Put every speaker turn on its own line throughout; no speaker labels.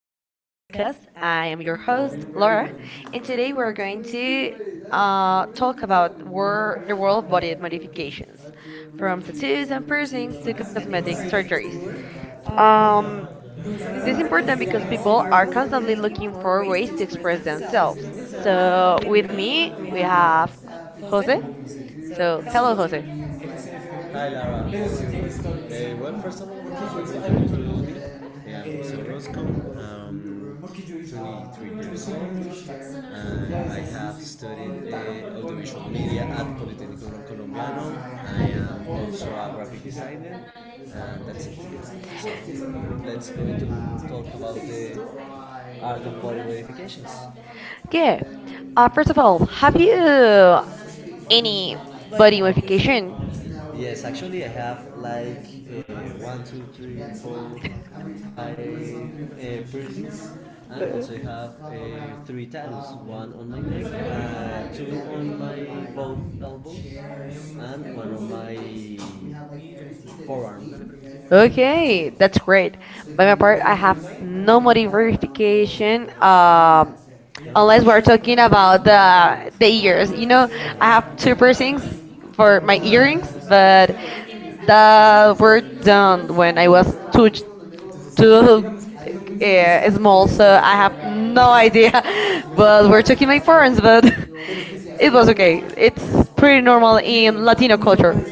welcome to the podcast. I am your host, Laura, and today we're going to talk about the world of body modifications, from tattoos and piercings to cosmetic surgeries. Um, this is important because people are constantly looking for ways to express themselves. So, with me, we have Jose. So, hello, Jose. Yeah. First of all, have you any body modification? Uh, Okay, that's great. By my part, I have no modification. Unless we're talking about the ears. You know, I have two piercings for my earrings, but that were done when I was too small, so I have no idea. But we're talking my parents, but it was okay. It's pretty normal in Latino culture.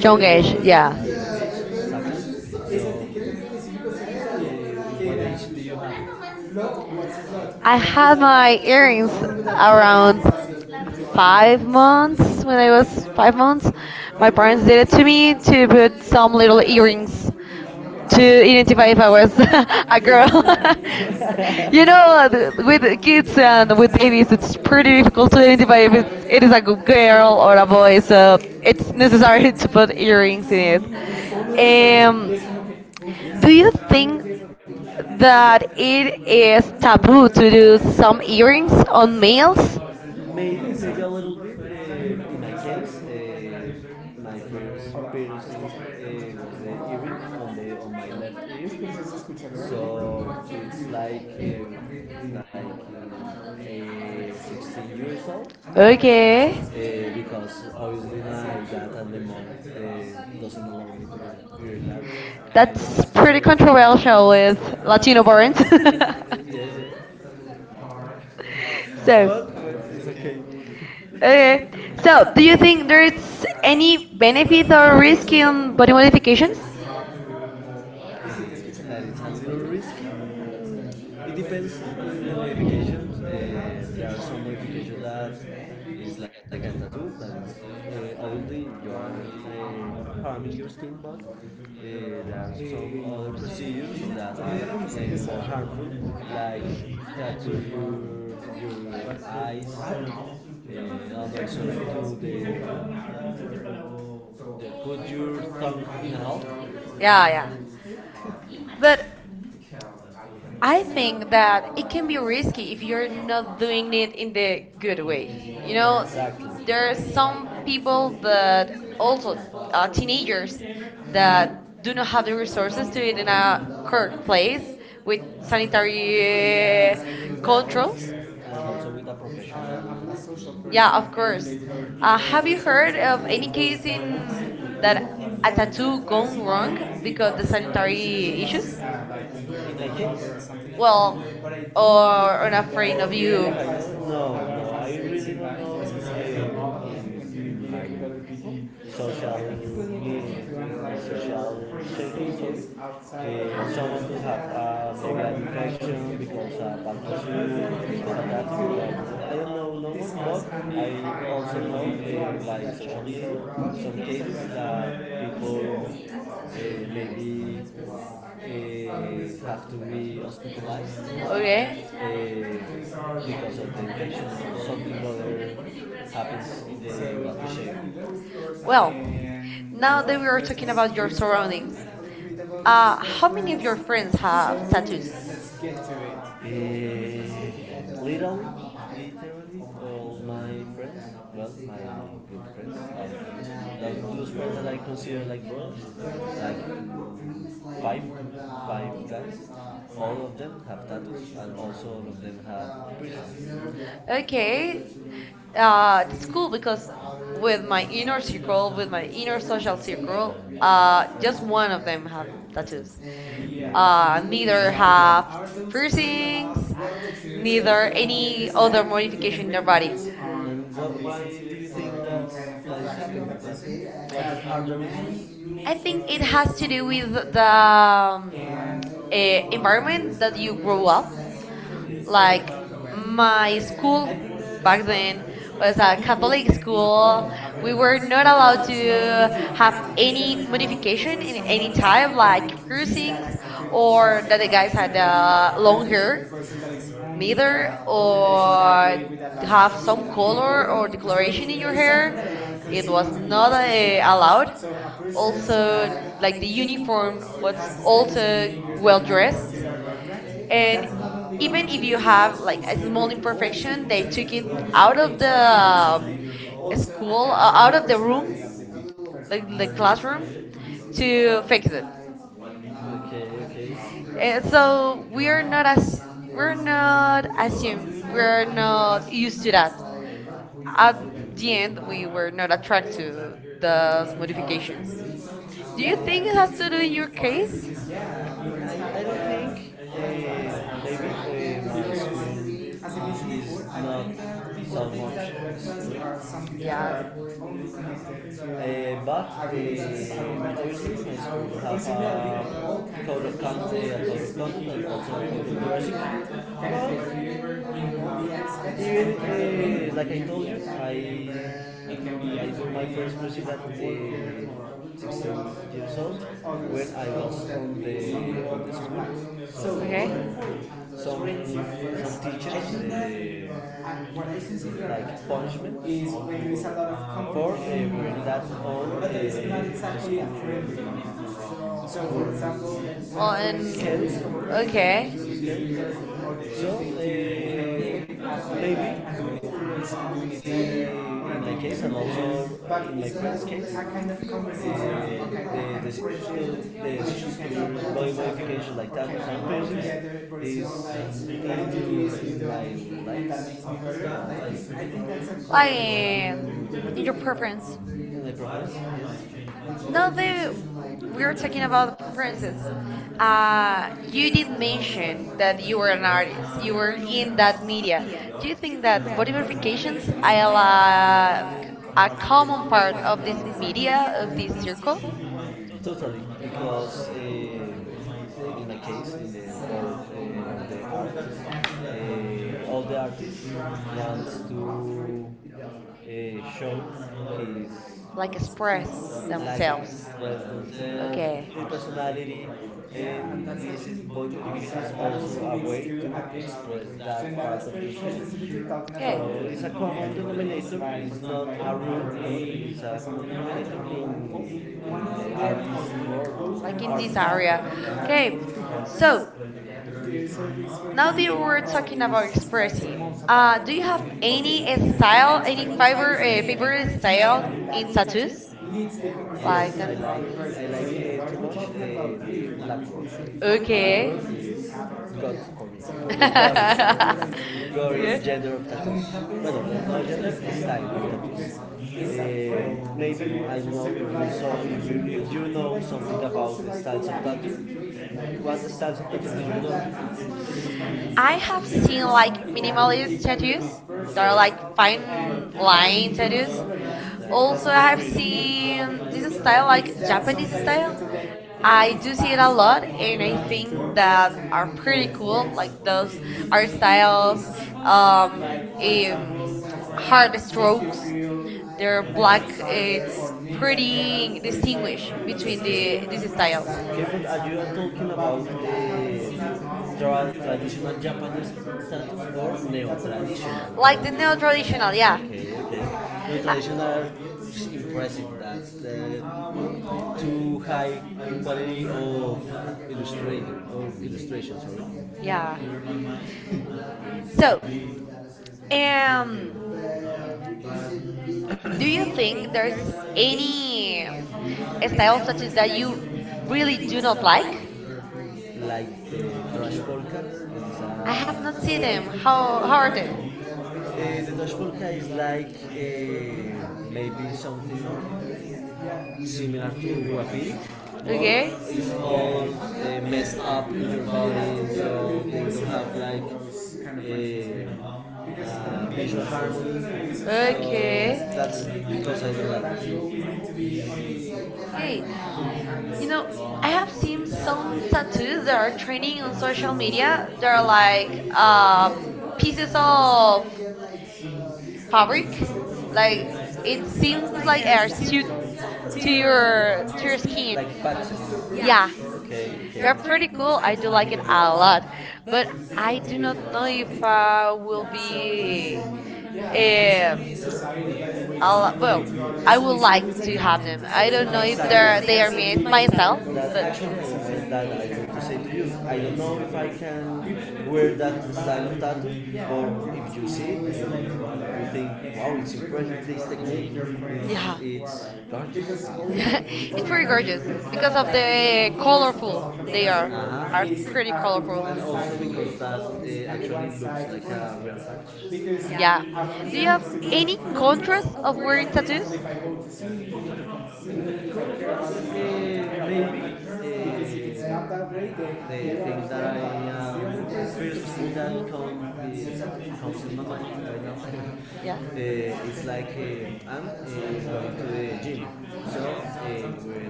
Young age, yeah. I had my earrings around 5 months when I was 5 months. My parents did it to me to put some little earrings to identify if I was a girl. With the kids and with babies, it's pretty difficult to identify if it is a girl or a boy, so it's necessary to put earrings in it. Um, do you think that it is taboo to do some earrings on males? Okay. That's pretty controversial with Latino parents. So, okay. So, do you think there's any benefit or risk in body modifications? Yeah, yeah. But I think that it can be risky if you're not doing it in the good way. You know, there are some people that also teenagers that do not have the resources to it in a correct place with sanitary controls. Yeah, of course. Have you heard of any case in that a tattoo gone wrong because the sanitary issues? Well, or unafraid of you. Okay. Well, now that we are talking about your surroundings, how many of your friends have tattoos? Okay, that's cool because with my inner circle, with my inner social circle, just one of them have tattoos. Neither have piercings, neither any other modification in their body. I think it has to do with the environment that you grow up. Like my school back then was a Catholic school. We were not allowed to have any modification in any type, like piercings or that the guys had long hair neither or have some color or decoloration in your hair. It was not allowed. Also, like the uniform was also well dressed. And even if you have like a small imperfection, they took it out of the school, out of the room, like the classroom, to fix it. So we are not as we're not used to that at the end we were not attracted to those modifications. Do you think it has to do in your case? Yeah. Okay.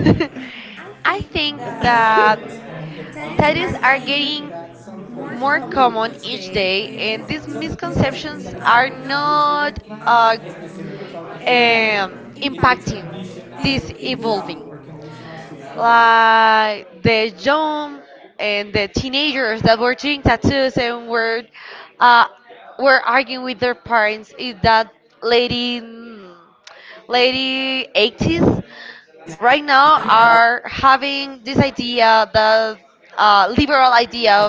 I think that tennis are getting more common each day, and these misconceptions are not impact this evolving. But the young and the teenagers that were doing tattoos and were arguing with their parents that ladies in the 80s right now are having this idea, the liberal idea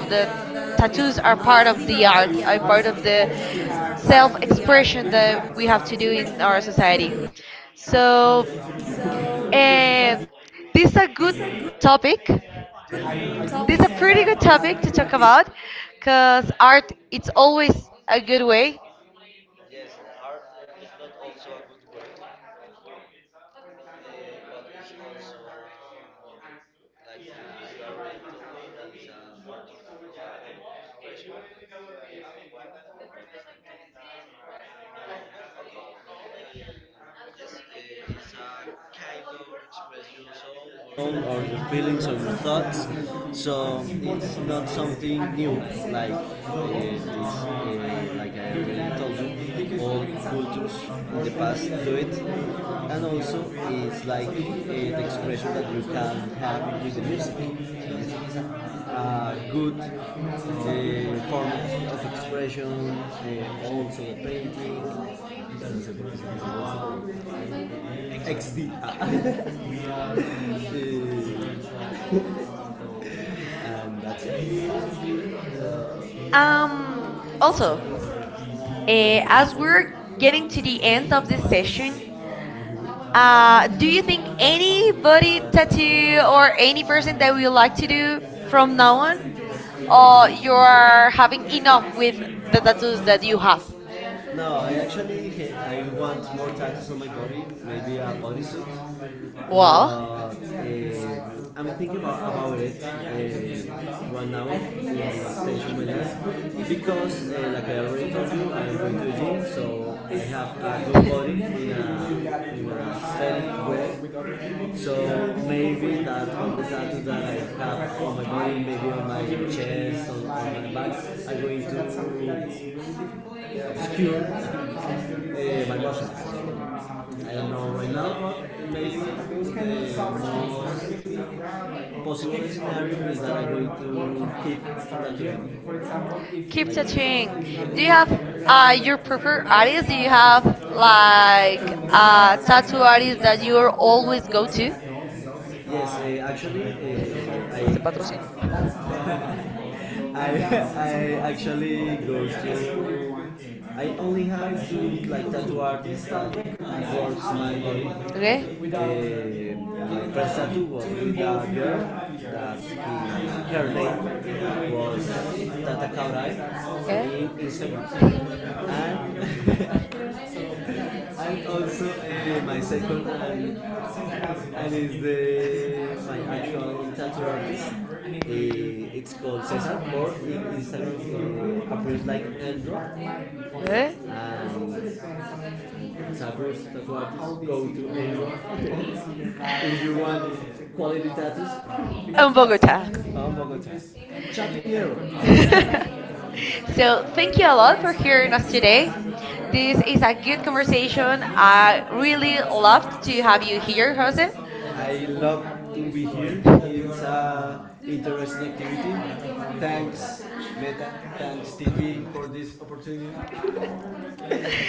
that tattoos are part of the art and part of the self-expression that we have to be in our society. So these are good topics. This is a pretty good topic to talk about because art, it's always a good way. Yes, art is not also a good way, happens but it's also like if you are really told it's a art of expression. Well, okay, yes, it's a kind of express your soul or your feelings or your thoughts so it's not something new, like this, like I already told you, all cultures in the past do it, and also it's like the expression that you can have with the music. Music a good form of expression, also the painting. XD. Ah. We are She- She- and that's it. Um, also, uh, as we're getting to the end of this session, do you think any body tattoo or any person that we would like to do from now on, or you are having enough with the tattoos that you have? No, I actually I want more tattoos on my body. Maybe a bodysuit. Well, but I'm thinking about it right now, yes. Station with because like I already told you, I'm going to the gym, so I have a good body in a steady way. So maybe that all the tattoos that I have on my body, maybe on my chest, on my back, are going to obscure my muscles. I don't know right now, but maybe the possible scenario is that I'm going to keep tattooing. For example, if you like do you have your preferred artist? Do you have like a tattoo artist that you always go to? Yes, actually, I, I actually go to I only have two like tattoo artists that works my body. Okay. My first tattoo was with a girl that her name was Tata Kaurai in Instagram. And, and also my second and is the my actual tattoo artist. It's called Cesar, or in Instagram appears like Andrew tattoos, tattoo artists go to Asia. If you want quality tattoos, of Bogota. Bogota. Chapinero. So thank you a lot for hearing us today. This is a good conversation. I really loved to have you here, Jose. I love to be here. It's a interesting activity. Thanks, Meta. Thanks, TP, for this opportunity.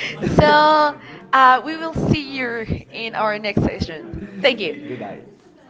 So we will see you in our next section. Thank you. Good night.